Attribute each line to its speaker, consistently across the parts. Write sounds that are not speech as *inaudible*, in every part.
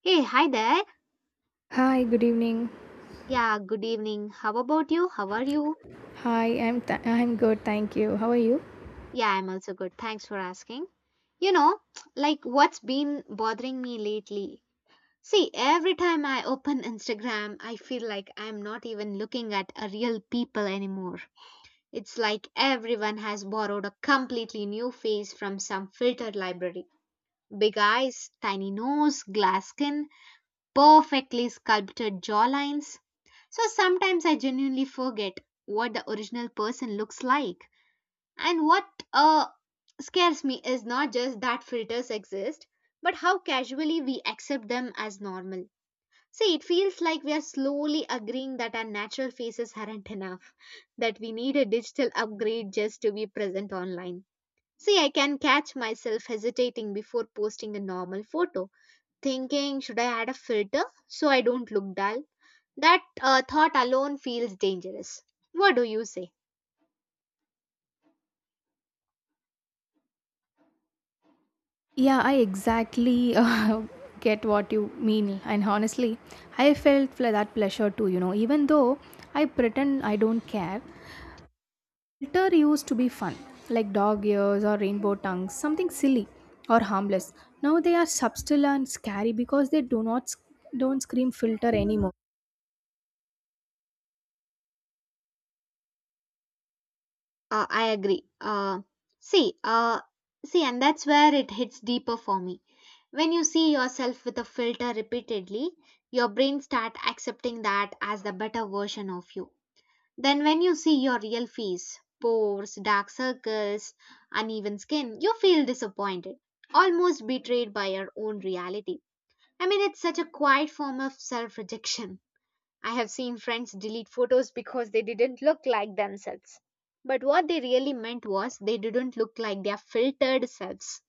Speaker 1: Hey, hi there.
Speaker 2: Hi, good evening.
Speaker 1: Yeah, good evening. How about you? How are you?
Speaker 2: Hi, I'm good, thank you. How are you?
Speaker 1: Yeah, I'm also good. Thanks for asking. You know, *tsk* like what's been bothering me lately? See, every time I open *laughs* Instagram, I feel like I'm not even looking at a real people anymore. It's like everyone has borrowed a completely new face from some filtered library. Big eyes, tiny nose, glass skin, perfectly sculpted jawlines, so sometimes I genuinely forget what the original person looks like. And what uh, scares me is not just that filters exist, but how casually we accept them as normal. See, it feels like we are slowly agreeing that our natural faces aren't enough, that we need a digital upgrade just to be present online. See, I can catch myself hesitating before posting a normal photo, thinking, should I add a filter so I don't look dull? That thought alone feels dangerous. What do you say?
Speaker 2: Yeah, I exactly *laughs* get what you mean, and honestly, I felt that pleasure too. You know, even though I pretend I don't care, glitter used to be fun, like dog ears or rainbow tongues, something silly or harmless. Now they are subtle and scary because they do not sc- don't scream filter anymore.
Speaker 1: I agree. See, uh, See, and that's where it hits deeper for me. When you see yourself with a filter repeatedly, your brain start accepting that as the better version of you. Then, when you see your real face, pores, dark circles, uneven skin, you feel disappointed, almost betrayed by your own reality. I mean, it's such a quiet form of self rejection. I have seen friends delete photos because they didn't look like themselves. But what they really meant was they didn't look like their filtered selves.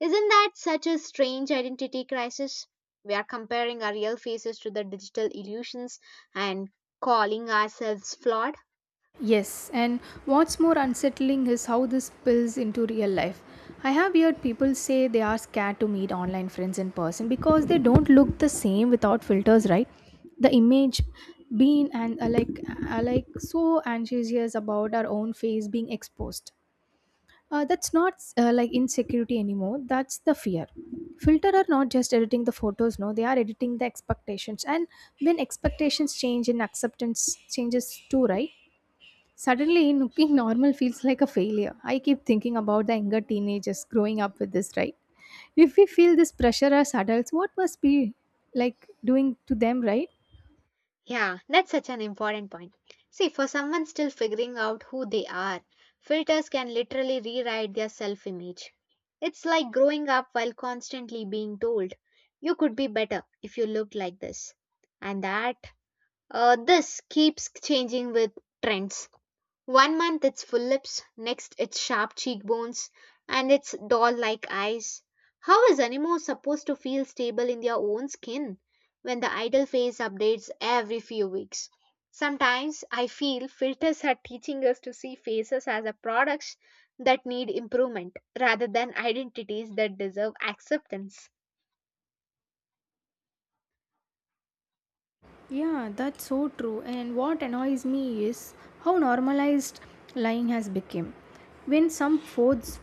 Speaker 1: Isn't that such a strange identity crisis? We are comparing our real faces to the digital illusions and calling ourselves flawed.
Speaker 2: Yes, and what's more unsettling is how this spills into real life. I have heard people say they are scared to meet online friends in person because they don't look the same without filters, right? The image being and so anxious about our own face being exposed. That's not insecurity anymore. That's the fear. Filter are not just editing the photos. No, they are editing the expectations. And when expectations change, and acceptance changes too, right? Suddenly, looking *laughs* normal feels like a failure. I keep thinking about the younger teenagers growing up with this, right? If we feel this pressure as adults, what must be like doing to them, right?
Speaker 1: Yeah, that's such an important point. See, for someone still figuring out who they are, filters can literally rewrite their self image. It's like growing up while constantly being told, you could be better if you looked like this. And that, this keeps changing with trends. One month it's full lips, next it's sharp cheekbones, and it's doll like eyes. How is Anemo supposed to feel stable in their own skin when the idol face updates every few weeks? Sometimes I feel filters are teaching us to see faces as a products that need improvement rather than identities that deserve acceptance.
Speaker 2: Yeah, that's so true. And what annoys me is how normalized lying has become. When some photos,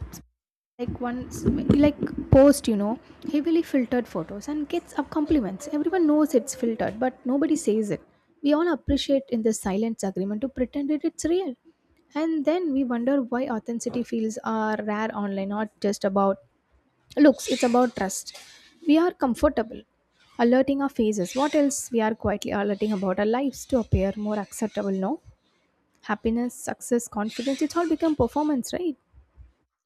Speaker 2: like once, like post, you know, heavily filtered photos and gets up compliments. Everyone knows it's filtered, but nobody says it. We all appreciate in the silence agreement to pretend that it's real. And then we wonder why authenticity feels are rare online, not just about looks, it's about trust. We are comfortable alerting our faces. What else we are quietly alerting about our lives to appear more acceptable, no? Happiness, success, confidence, it's all become performance, right?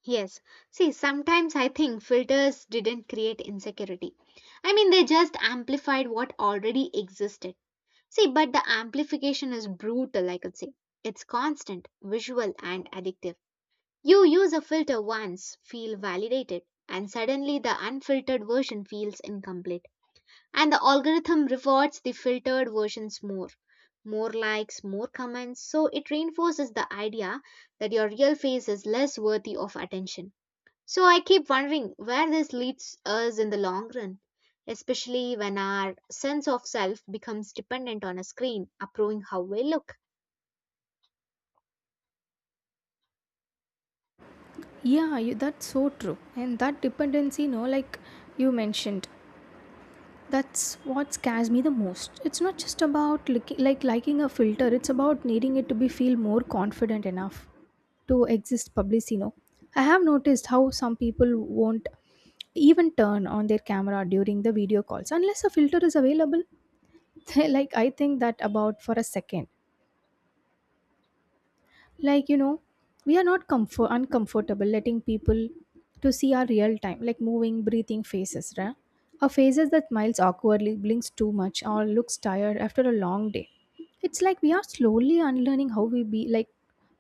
Speaker 1: Yes, see, sometimes I think filters didn't create insecurity. I mean, they just amplified what already existed. See, but the amplification is brutal, I could say. It's constant, visual, and addictive. You use a filter once, feel validated, and suddenly the unfiltered version feels incomplete. And the algorithm rewards the filtered versions more. More likes, more comments, so it reinforces the idea that your real face is less worthy of attention. So I keep wondering where this leads us in the long run, especially when our sense of self becomes dependent on a screen approving how we look.
Speaker 2: Yeah, you, that's so true. And that dependency, no, like you mentioned, that's what scares me the most. It's not just about liking a filter, it's about needing it to be feel more confident enough to exist publicly. No, I have noticed how some people won't even turn on their camera during the video calls unless a filter is available. *laughs* Like I think that about for a second, like you know, we are not comfort uncomfortable letting people to see our real time, like, moving breathing faces, right? Our faces that smiles awkwardly, blinks too much, or looks tired after a long day. It's like we are slowly unlearning how we be like,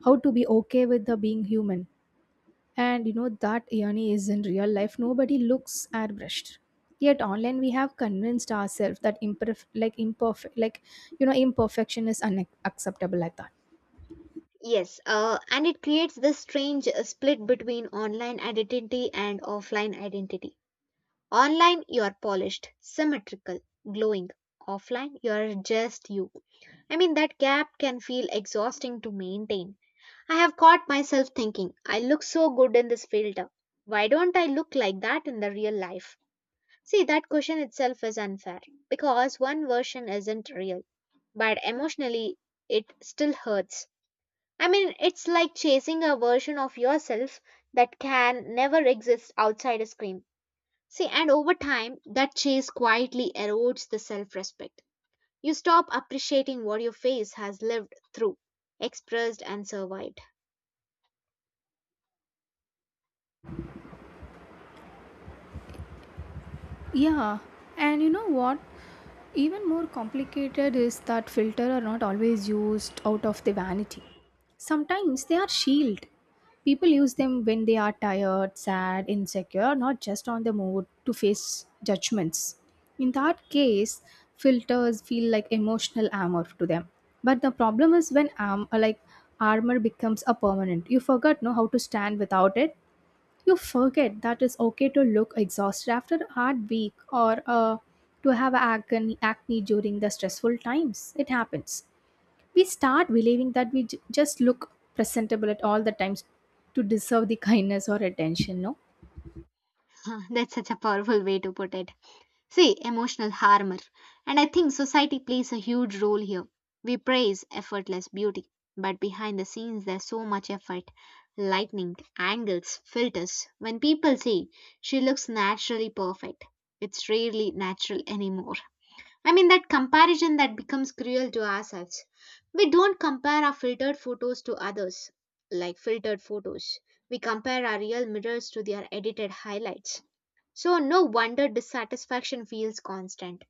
Speaker 2: how to be okay with the being human. And you know, that journey is in real life nobody looks airbrushed, yet online we have convinced ourselves that imperf- like imperfect like you know, imperfection is unacceptable, like that.
Speaker 1: Yes, and it creates this strange split between online identity and offline identity. Online, you are polished, symmetrical, glowing. Offline, you are just you. I mean, that gap can feel exhausting to maintain. I have caught myself thinking, I look so good in this filter. Why don't I look like that in the real life? See, that question itself is unfair because one version isn't real, but emotionally it still hurts. I mean, it's like chasing a version of yourself that can never exist outside a screen. See, and over time, that chase quietly erodes the self respect. You stop appreciating what your face has lived through, expressed, and survived.
Speaker 2: Yeah, and you know what? Even more complicated is that filter are not always used out of the vanity. Sometimes they are shield. People use them when they are tired, sad, insecure, not just on the mood to face judgments. In that case, filters feel like emotional armor to them. But the problem is when armor becomes a permanent. You forgot know how to stand without it. You forget that it's okay to look exhausted after a hard week or to have acne during the stressful times. It happens. We start believing that we just look presentable at all the times to deserve the kindness or attention, no?
Speaker 1: *laughs* That's such a powerful way to put it. See, emotional armor. And I think society plays a huge role here. We praise effortless beauty, but behind the scenes there's so much effort, lightning, angles, filters. When people say she looks naturally perfect, it's rarely natural anymore. I mean, that comparison that becomes cruel to ourselves. We don't compare our filtered photos to others, like filtered photos. We compare our real mirrors to their edited highlights. So, no wonder dissatisfaction feels constant.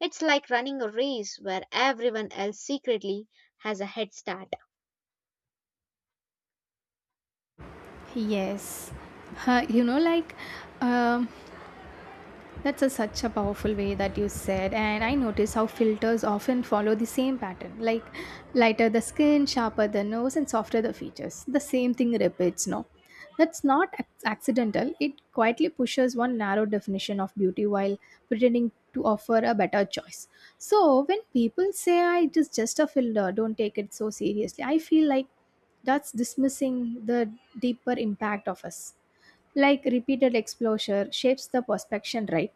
Speaker 1: It's like running a race where everyone else secretly has a head start.
Speaker 2: Yes. Huh, you know, like um, that's a, such a powerful way that you said, and I notice how filters often follow the same pattern, like lighter the skin, sharper the nose, and softer the features. The same thing repeats, no? That's not accidental, it quietly pushes one narrow definition of beauty while pretending to offer a better choice. So, when people say I just a filter, don't take it so seriously, I feel like that's dismissing the deeper impact of us. Like repeated exposure shapes the perception, right?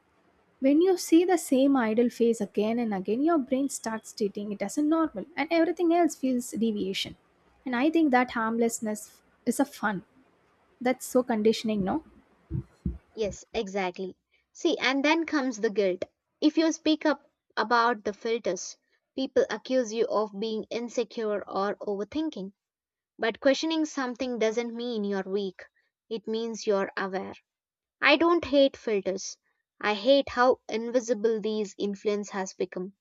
Speaker 2: When you see the same idle face again and again, your brain starts treating it as a normal, and everything else feels deviation. And I think that harmlessness is a fun. That's so conditioning, no?
Speaker 1: Yes, exactly. See, and then comes the guilt. If you speak up about the filters, people accuse you of being insecure or overthinking. But questioning something doesn't mean you're weak, it means you're aware. I don't hate filters. I hate how invisible these influence has become.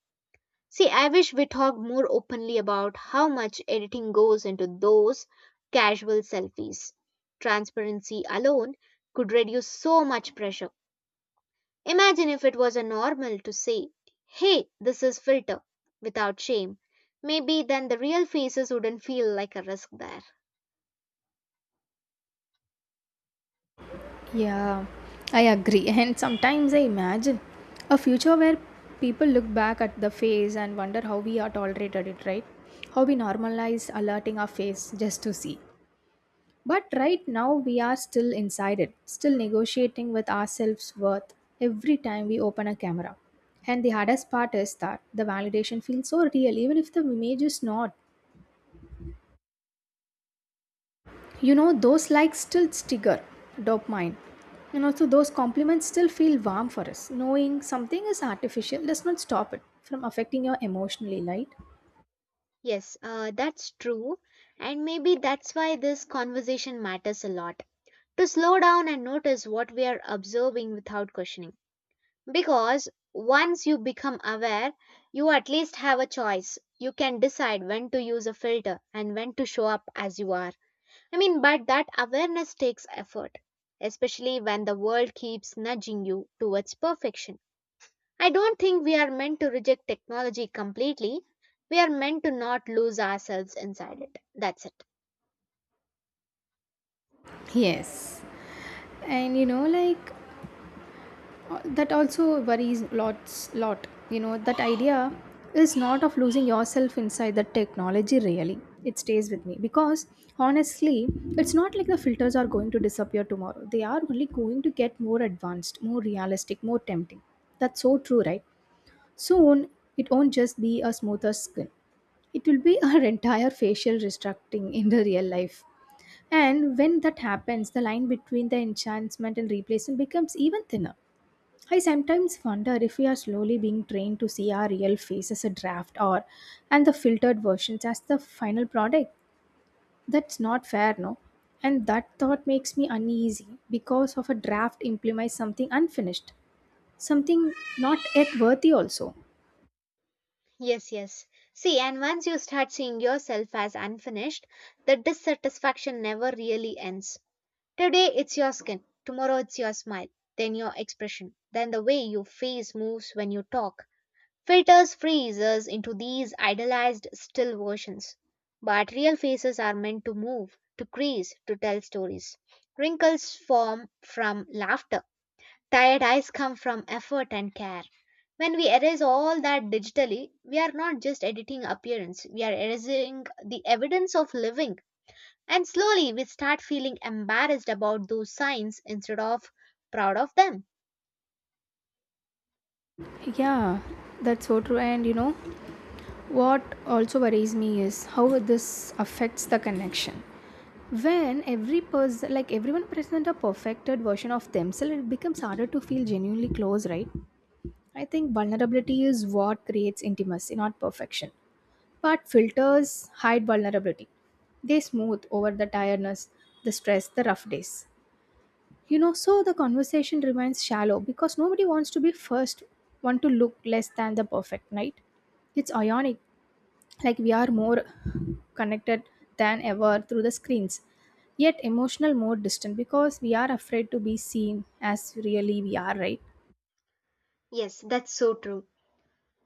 Speaker 1: See, I wish we talked more openly about how much editing goes into those casual selfies. Transparency alone could reduce so much pressure. Imagine if it was a normal to say, hey, this is filter, without shame. Maybe then the real faces wouldn't feel like a risk there.
Speaker 2: Yeah, I agree. *laughs* And sometimes I imagine a future where people look back at the face and wonder how we are tolerated it, right? How we normalize alerting our face just to see. But right now, we are still inside it, still negotiating with ourselves' worth every time we open a camera. And the hardest part is that the validation feels so real, even if the image is not. You know, those likes still trigger dopamine. And also, those compliments still feel warm for us. Knowing something is artificial does not stop it from affecting you emotionally, right?
Speaker 1: Yes, that's true. And maybe that's why this conversation matters a lot. To slow down and notice what we are observing without questioning. Because once you become aware, you at least have a choice. You can decide when to use a filter and when to show up as you are. I mean, but that awareness takes effort, especially when the world keeps nudging you towards perfection. I don't think we are meant to reject technology completely. We are meant to not lose ourselves inside it. That's it.
Speaker 2: Yes. And you know, like that also worries lots lot, you know, that idea is not of losing yourself inside the technology really, it stays with me because honestly it's not like the filters are going to disappear tomorrow. They are only going to get more advanced, more realistic, more tempting. That's so true, right? Soon it won't just be a smoother skin, it will be our *laughs* entire facial restructuring in the real life. And when that happens the line between the enchantment and replacement becomes even thinner. I sometimes wonder if we are slowly being trained to see our real face as a draft or and the filtered versions as the final product. That's not fair, no? And that thought makes me uneasy because of a draft implies something unfinished, something not yet worthy also.
Speaker 1: Yes, yes. See, and once you start seeing yourself as unfinished, the dissatisfaction never really ends. Today it's your skin, tomorrow it's your smile, then your expression, then the way your face moves when you talk. Filters freeze us into these idealized still versions. But real faces are meant to move, to crease, to tell stories. Wrinkles form from laughter. Tired eyes come from effort and care. When we erase all that digitally, we are not just editing appearance, we are erasing the evidence of living. And slowly we start feeling embarrassed about those signs instead of proud of them.
Speaker 2: Yeah, that's so true. And you know, what also worries me is how this affects the connection. When every person, like everyone, presents a perfected version of themselves, it becomes harder to feel genuinely close, right? I think vulnerability is what creates intimacy, not perfection. But filters hide vulnerability, they smooth over the tiredness, the stress, the rough days. You know, so the conversation remains shallow because nobody wants to be first, want to look less than the perfect, right? It's ionic, like, we are more connected than ever through the screens, yet emotional more distant because we are afraid to be seen as really we are, right?
Speaker 1: Yes, that's so true.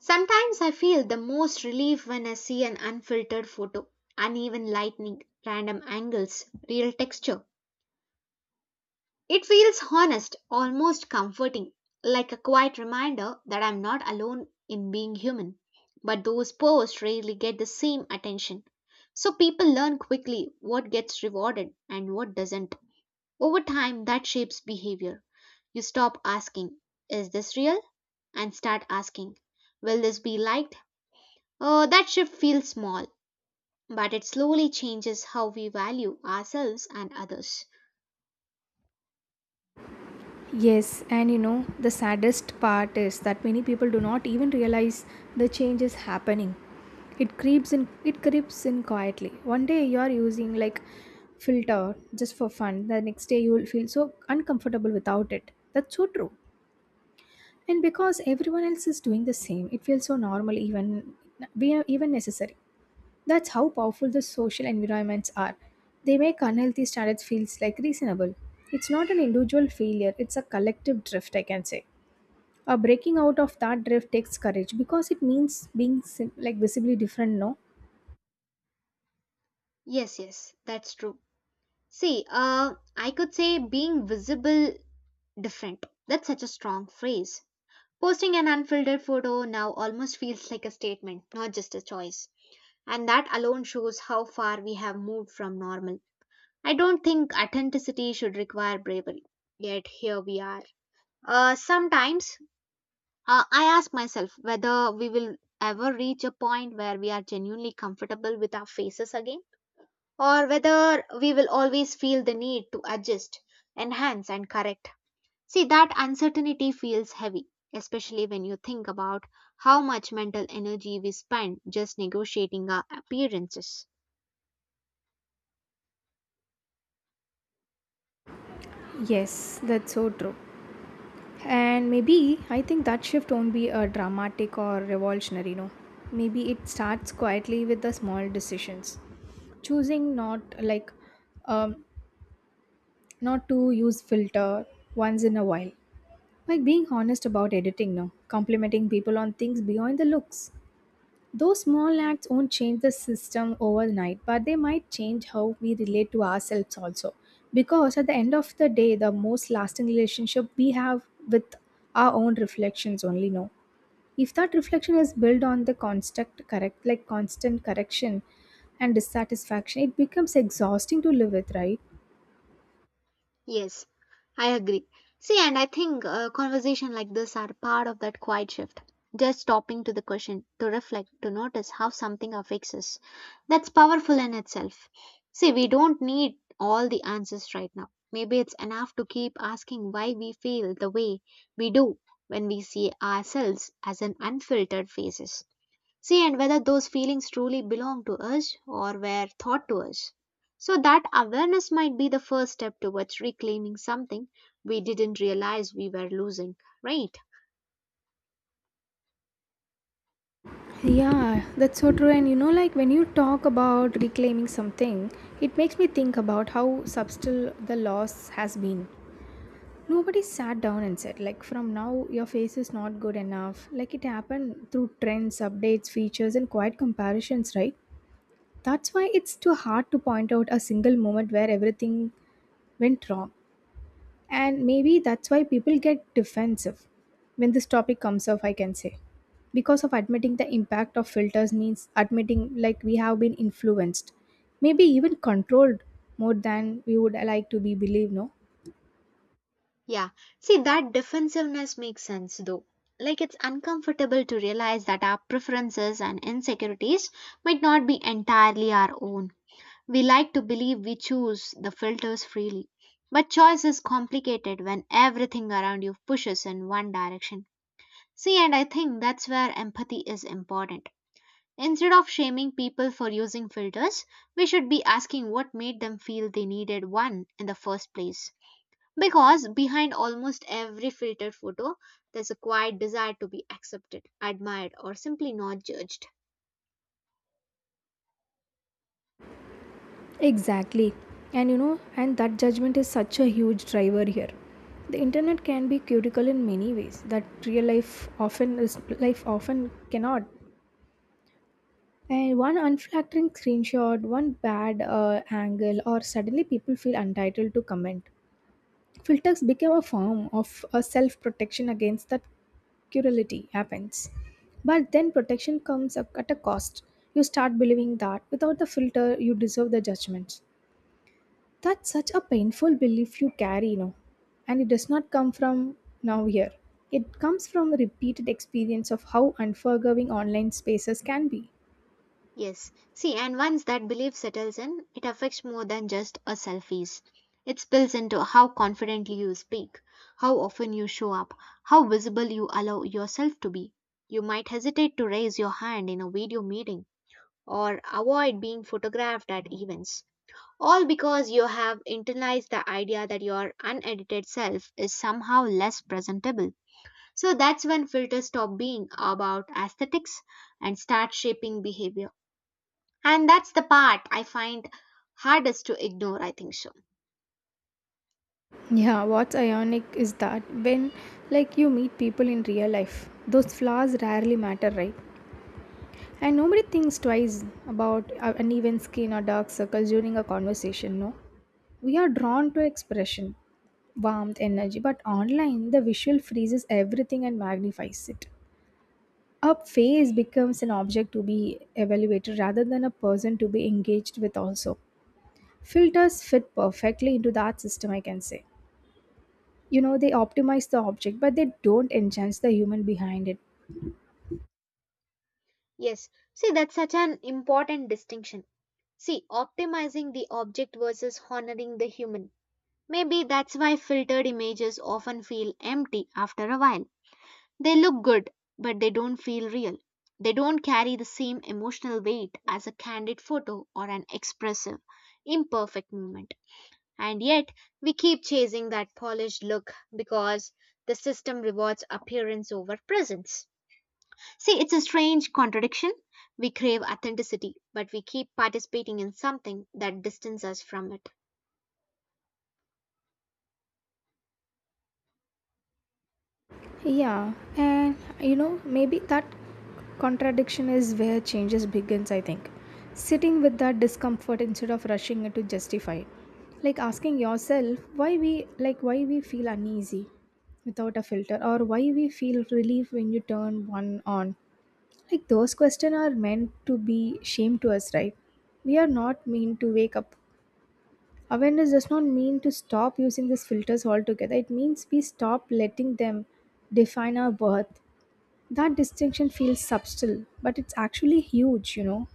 Speaker 1: Sometimes I feel the most relief when I see an unfiltered photo, uneven lighting, random angles, real texture. It feels honest, almost comforting, like a quiet reminder that I'm not alone in being human. But those posts rarely get the same attention. So people learn quickly what gets rewarded and what doesn't. Over time, that shapes behavior. You stop asking, is this real? And start asking, will this be liked? Oh, that shift feels small, but it slowly changes how we value ourselves and others.
Speaker 2: Yes, and you know the saddest part is that many people do not even realize the change is happening. It creeps in quietly, one day you are using, like, filter just for fun, the next day you will feel so uncomfortable without it. That's so true. And because everyone else is doing the same, it feels so normal, even we even necessary. That's how powerful the social environments are. They make unhealthy standards feels like reasonable. It's not an individual failure; it's a collective drift, I can say. Breaking out of that drift takes courage because it means being visibly different. No.
Speaker 1: Yes, yes, that's true. See, I could say being visible different. That's such a strong phrase. Posting an unfiltered photo now almost feels like a statement, not just a choice. And that alone shows how far we have moved from normal. I don't think authenticity should require bravery. Yet here we are. Sometimes I ask myself whether we will ever reach a point where we are genuinely comfortable with our faces again, or whether we will always feel the need to adjust, enhance, and correct. See, that uncertainty feels heavy, especially when you think about how much mental energy we spend just negotiating our appearances.
Speaker 2: Yes, that's so true. And maybe I think that shift won't be a dramatic or revolutionary, no. Maybe it starts quietly with the small decisions. Choosing um, not to use filter once in a while. Like being honest about editing, no. Complimenting people on things beyond the looks. Those small acts won't change the system overnight, but they might change how we relate to ourselves also. Because at the end of the day, the most lasting relationship we have with our own reflections only know. If that reflection is built on the constant correction and dissatisfaction, it becomes exhausting to live with, right?
Speaker 1: Yes, I agree. See, and I think conversation like this are part of that quiet shift. Just stopping to the question, to reflect, to notice how something affects us. That's powerful in itself. See, we don't need all the answers right now. Maybe it's enough to keep asking why we feel the way we do when we see ourselves as an unfiltered faces. See, and whether those feelings truly belong to us or were taught to us. So, that awareness might be the first step towards reclaiming something we didn't realize we were losing, right?
Speaker 2: Yeah, that's so true. And you know, like, when you talk about reclaiming something, it makes me think about how subtle the loss has been. Nobody sat down and said, like, from now your face is not good enough. Like, it happened through trends, updates, features, and quiet comparisons, right? That's why it's too hard to point out a single moment where everything went wrong. And maybe that's why people get defensive when this topic comes up, I can say. Because of admitting the impact of filters means admitting, like, we have been influenced, maybe even controlled more than we would like to be believed, no?
Speaker 1: Yeah. See, that defensiveness makes sense though. Like, it's uncomfortable to realize that our preferences and insecurities might not be entirely our own. We like to believe we choose the filters freely. But choice is complicated when everything around you pushes in one direction. See, and I think that's where empathy is important. Instead of shaming people for using filters, we should be asking what made them feel they needed one in the first place. Because behind almost every filtered photo, there's a quiet desire to be accepted, admired, or simply not judged.
Speaker 2: Exactly. And you know, and that judgment is such a huge driver here. The internet can be critical in many ways that real life often is life often cannot. And one unflattering screenshot, one bad angle, or suddenly people feel entitled to comment. Filters became a form of a self-protection against that cruelty happens. But then protection comes at a cost. You start believing that without the filter, you deserve the judgments. That's such a painful belief you carry, you know. And it does not come from now here. It comes from a repeated experience of how unforgiving online spaces can be.
Speaker 1: Yes. See, and once that belief settles in, it affects more than just a selfies. It spills into how confidently you speak, how often you show up, how visible you allow yourself to be. You might hesitate to raise your hand in a video meeting or avoid being photographed at events. All because you have internalized the idea that your unedited self is somehow less presentable. So that's when filters stop being about aesthetics and start shaping behavior. And that's the part I find hardest to ignore, I think so.
Speaker 2: Yeah, what's ironic is that when, like, you meet people in real life, those flaws rarely matter, right? And nobody thinks twice about uneven skin or dark circles during a conversation, no? We are drawn to expression, warmth, energy, but online the visual freezes everything and magnifies it. A phase becomes an object to be evaluated rather than a person to be engaged with also, filters fit perfectly into that system, I can say. You know, they optimize the object, but they don't enhance the human behind it.
Speaker 1: Yes, see, that's such an important distinction. See, optimizing the object versus honoring the human. Maybe that's why filtered images often feel empty after a while. They look good, but they don't feel real. They don't carry the same emotional weight as a candid photo or an expressive, imperfect moment. And yet, we keep chasing that polished look because the system rewards appearance over presence. See, it's a strange contradiction. We crave authenticity, but we keep participating in something that distances us from it.
Speaker 2: Yeah, and you know, maybe that contradiction is where changes begins, I think. Sitting with that discomfort instead of rushing it to justify it. Like asking yourself why we why we feel uneasy without a filter, or why we feel relief when you turn one on. Like those questions are meant to be shame to us, right? We are not mean to wake up. Awareness does not mean to stop using these filters altogether. It means we stop letting them define our worth. That distinction feels subtle, but it's actually huge.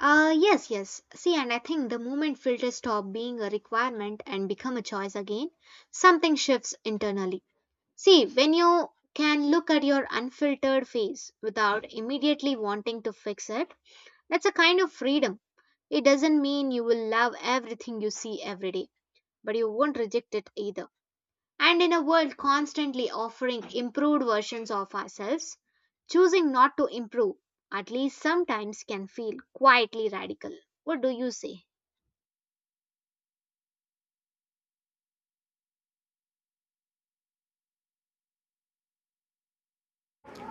Speaker 1: Yes, yes. See, and I think the moment filters stop being a requirement and become a choice again, something shifts internally. See, when you can look at your unfiltered face without immediately wanting to fix it, that's a kind of freedom. It doesn't mean you will love everything you see every day, but you won't reject it either. And in a world constantly offering improved versions of ourselves, choosing not to improve, at least sometimes, can feel quietly radical. What do you say?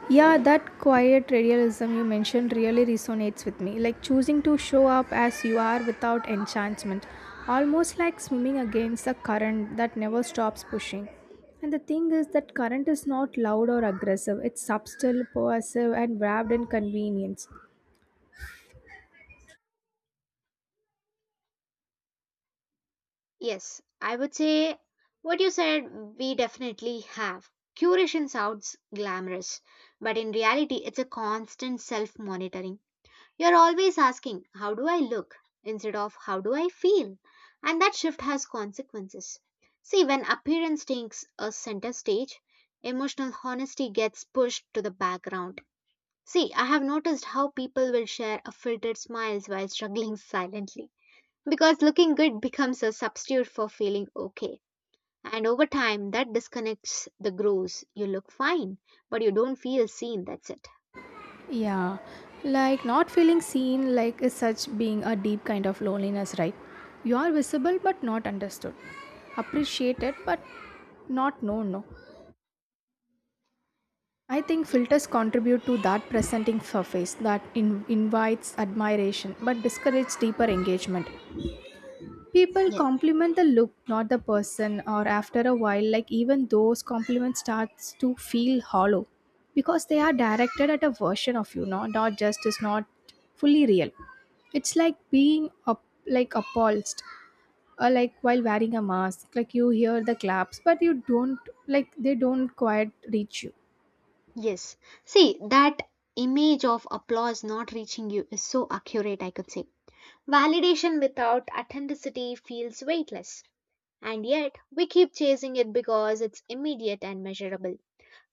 Speaker 2: Yeah, that quiet realism you mentioned really resonates with me. Like choosing to show up as you are without enchantment, almost like swimming against the current that never stops pushing. And the thing is, that current is not loud or aggressive. It's subtle, pervasive, and wrapped in convenience.
Speaker 1: Yes, I would say what you said, we definitely have. Curation sounds glamorous, but in reality, it's a constant self monitoring. You're always asking, how do I look? Instead of how do I feel? And that shift has consequences. See, when appearance takes a center stage, emotional honesty gets pushed to the background. See, I have noticed how people will share a filtered smiles while struggling silently because looking good becomes a substitute for feeling okay. And over time, that disconnects the grooves. You look fine, but you don't feel seen. That's it.
Speaker 2: Yeah, like not feeling seen, like is such being a deep kind of loneliness, right? You are visible but not understood, appreciated but not known. No, I think
Speaker 1: Y-
Speaker 2: filters contribute to that presenting surface that invites admiration but discourages deeper engagement. People
Speaker 1: yeah.
Speaker 2: compliment the look, not the person, or after a while, like even those compliments starts to feel hollow because they are directed at a version of you, no, not just is not fully real. It's like being up, like appalled, or like while wearing a mask, like you hear the claps, but you don't, like they don't quite reach you.
Speaker 1: Yes. See, that image of applause not reaching you is so accurate, I could say. Validation without authenticity feels weightless, and yet we keep chasing it because it's immediate and measurable.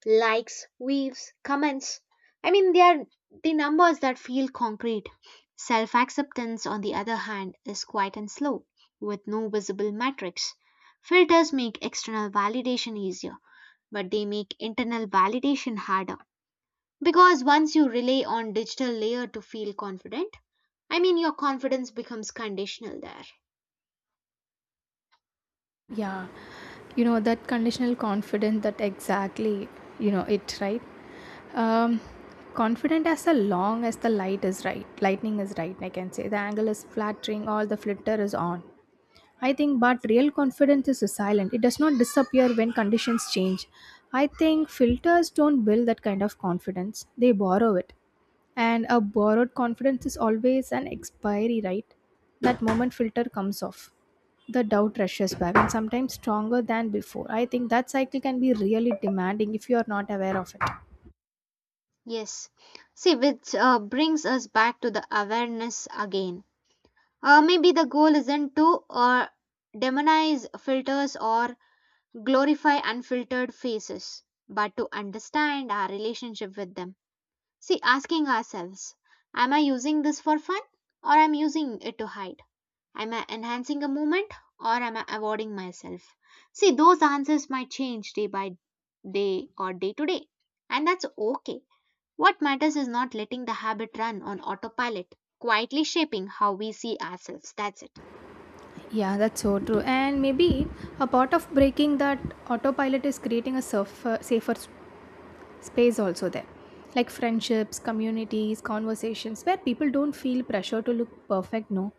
Speaker 1: Likes, views, comments. I mean, they are the numbers that feel concrete. Self acceptance, on the other hand, is quiet and slow, with no visible metrics. Filters make external validation easier, but they make internal validation harder. Because once you rely on digital layer to feel confident, I mean your confidence becomes conditional there.
Speaker 2: Yeah, you know that conditional confidence, that exactly, you know it, right? Um, Confident as long as the light is right, lightning is right, I can say. The angle is flattering, all the flitter is on. I think, but real confidence is silent. It does not disappear when conditions change. I think filters don't build that kind of confidence, they borrow it. And a borrowed confidence is always an expiry, right? That moment filter comes off. The doubt rushes back, and sometimes stronger than before. I think that cycle can be really demanding if you are not aware of it.
Speaker 1: Yes. See, which brings us back to the awareness again. Maybe the goal isn't to demonize filters or glorify unfiltered faces, but to understand our relationship with them. See, asking ourselves, am I using this for fun or am I using it to hide? Am I enhancing a moment or am I avoiding myself? See, those answers might change day by day or day to day, and that's okay. What matters is not letting the habit run on autopilot, quietly shaping how we see ourselves. That's it.
Speaker 2: Yeah, that's so true. And maybe a part of breaking that autopilot is creating a safer, space also there. Like friendships, communities, conversations where people don't feel pressure to look perfect, no.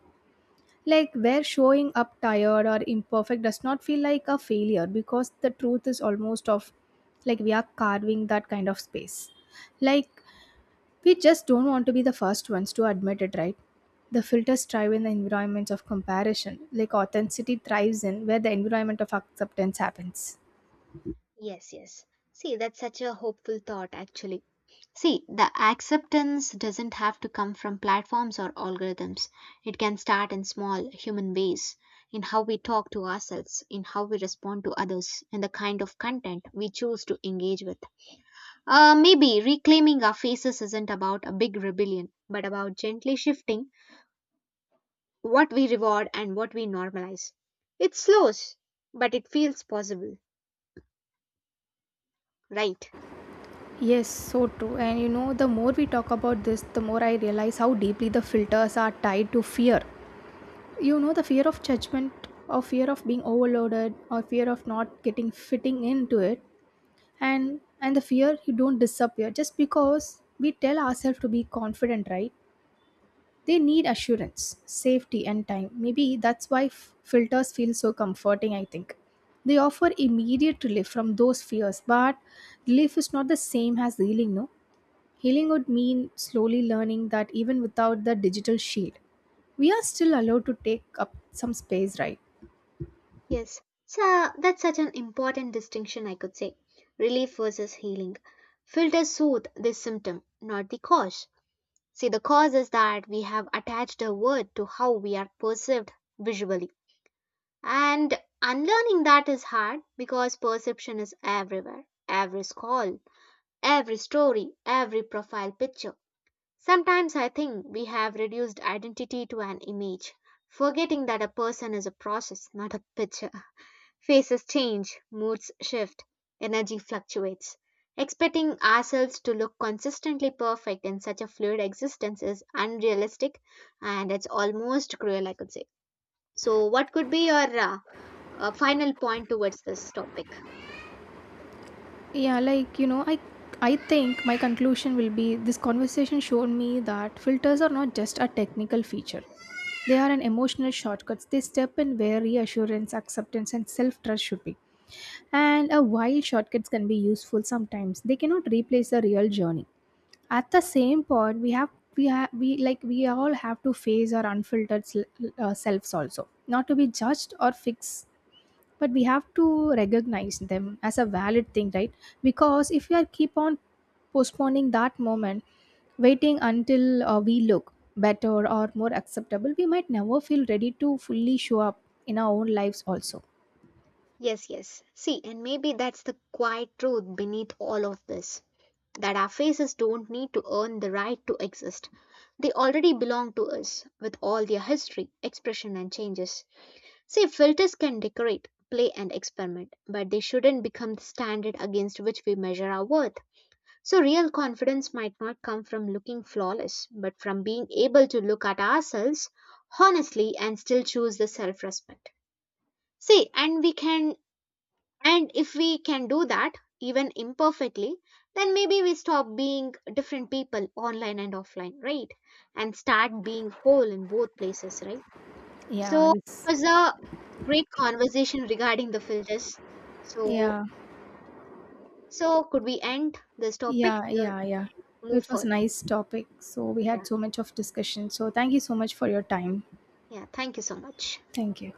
Speaker 2: Like where showing up tired or imperfect does not feel like a failure, because the truth is almost of like we are carving that kind of space. Like we just don't want to be the first ones to admit it, right? The filters thrive in the environments of comparison, like authenticity thrives in where the environment of acceptance happens.
Speaker 1: Yes, yes. See, that's such a hopeful thought, actually. See, the acceptance doesn't have to come from platforms or algorithms. It can start in small human ways, in how we talk to ourselves, in how we respond to others, and the kind of content we choose to engage with. Maybe reclaiming our faces isn't about a big rebellion, but about gently shifting what we reward and what we normalize. It slows, but it feels possible, right?
Speaker 2: Yes, so true. And you know, the more we talk about this, the more I realize how deeply the filters are tied to fear. You know, the fear of judgment, or fear of being overloaded, or fear of not getting fitting into it, and the fear, you don't disappear just because we tell ourselves to be confident, right? They need assurance, safety, and time. Maybe that's why filters feel so comforting, I think. They offer immediate relief from those fears, but relief is not the same as healing, no? Healing would mean slowly learning that even without the digital shield, we are still allowed to take up some space, right?
Speaker 1: Yes, so that's such an important distinction, I could say. Relief versus healing. Filters soothe the symptom, not the cause. See, the cause is that we have attached a word to how we are perceived visually. And unlearning that is hard because perception is everywhere every scroll, every story, every profile picture. Sometimes I think we have reduced identity to an image, forgetting that a person is a process, not a picture. Faces change, moods shift, energy fluctuates. Expecting ourselves to look consistently perfect in such a fluid existence is unrealistic and it's almost cruel, I could say. So, what could be your final point towards this topic?
Speaker 2: Yeah, like you know, I think my conclusion will be, this conversation showed me that filters are not just a technical feature. They are an emotional shortcuts. They step in where reassurance, acceptance and self-trust should be. And while shortcuts can be useful sometimes, they cannot replace the real journey. At the same point, we all have to face our unfiltered selves also, not to be judged or fixed, but we have to recognize them as a valid thing, right? Because if we are keep on postponing that moment, waiting until we look better or more acceptable, we might never feel ready to fully show up in our own lives also.
Speaker 1: Yes, yes. See, and maybe that's the quiet truth beneath all of this that our faces don't need to earn the right to exist. They already belong to us with all their history, expression, and changes. See, filters can decorate, play, and experiment, but they shouldn't become the standard against which we measure our worth. So, real confidence might not come from looking flawless, but from being able to look at ourselves honestly and still choose the self respect. See, and we can, and if we can do that, even imperfectly, then maybe we stop being different people online and offline, right? And start being whole in both places, right?
Speaker 2: Yeah,
Speaker 1: So it
Speaker 2: it's
Speaker 1: was a great conversation regarding the filters. So
Speaker 2: yeah,
Speaker 1: so could we end this topic
Speaker 2: yeah,
Speaker 1: here?
Speaker 2: yeah. Yeah,
Speaker 1: Move
Speaker 2: it was a
Speaker 1: further.
Speaker 2: nice topic, so we
Speaker 1: Yeah.
Speaker 2: had so much of discussion, so thank you so much for your time.
Speaker 1: Yeah. Thank you so much.
Speaker 2: Thank you.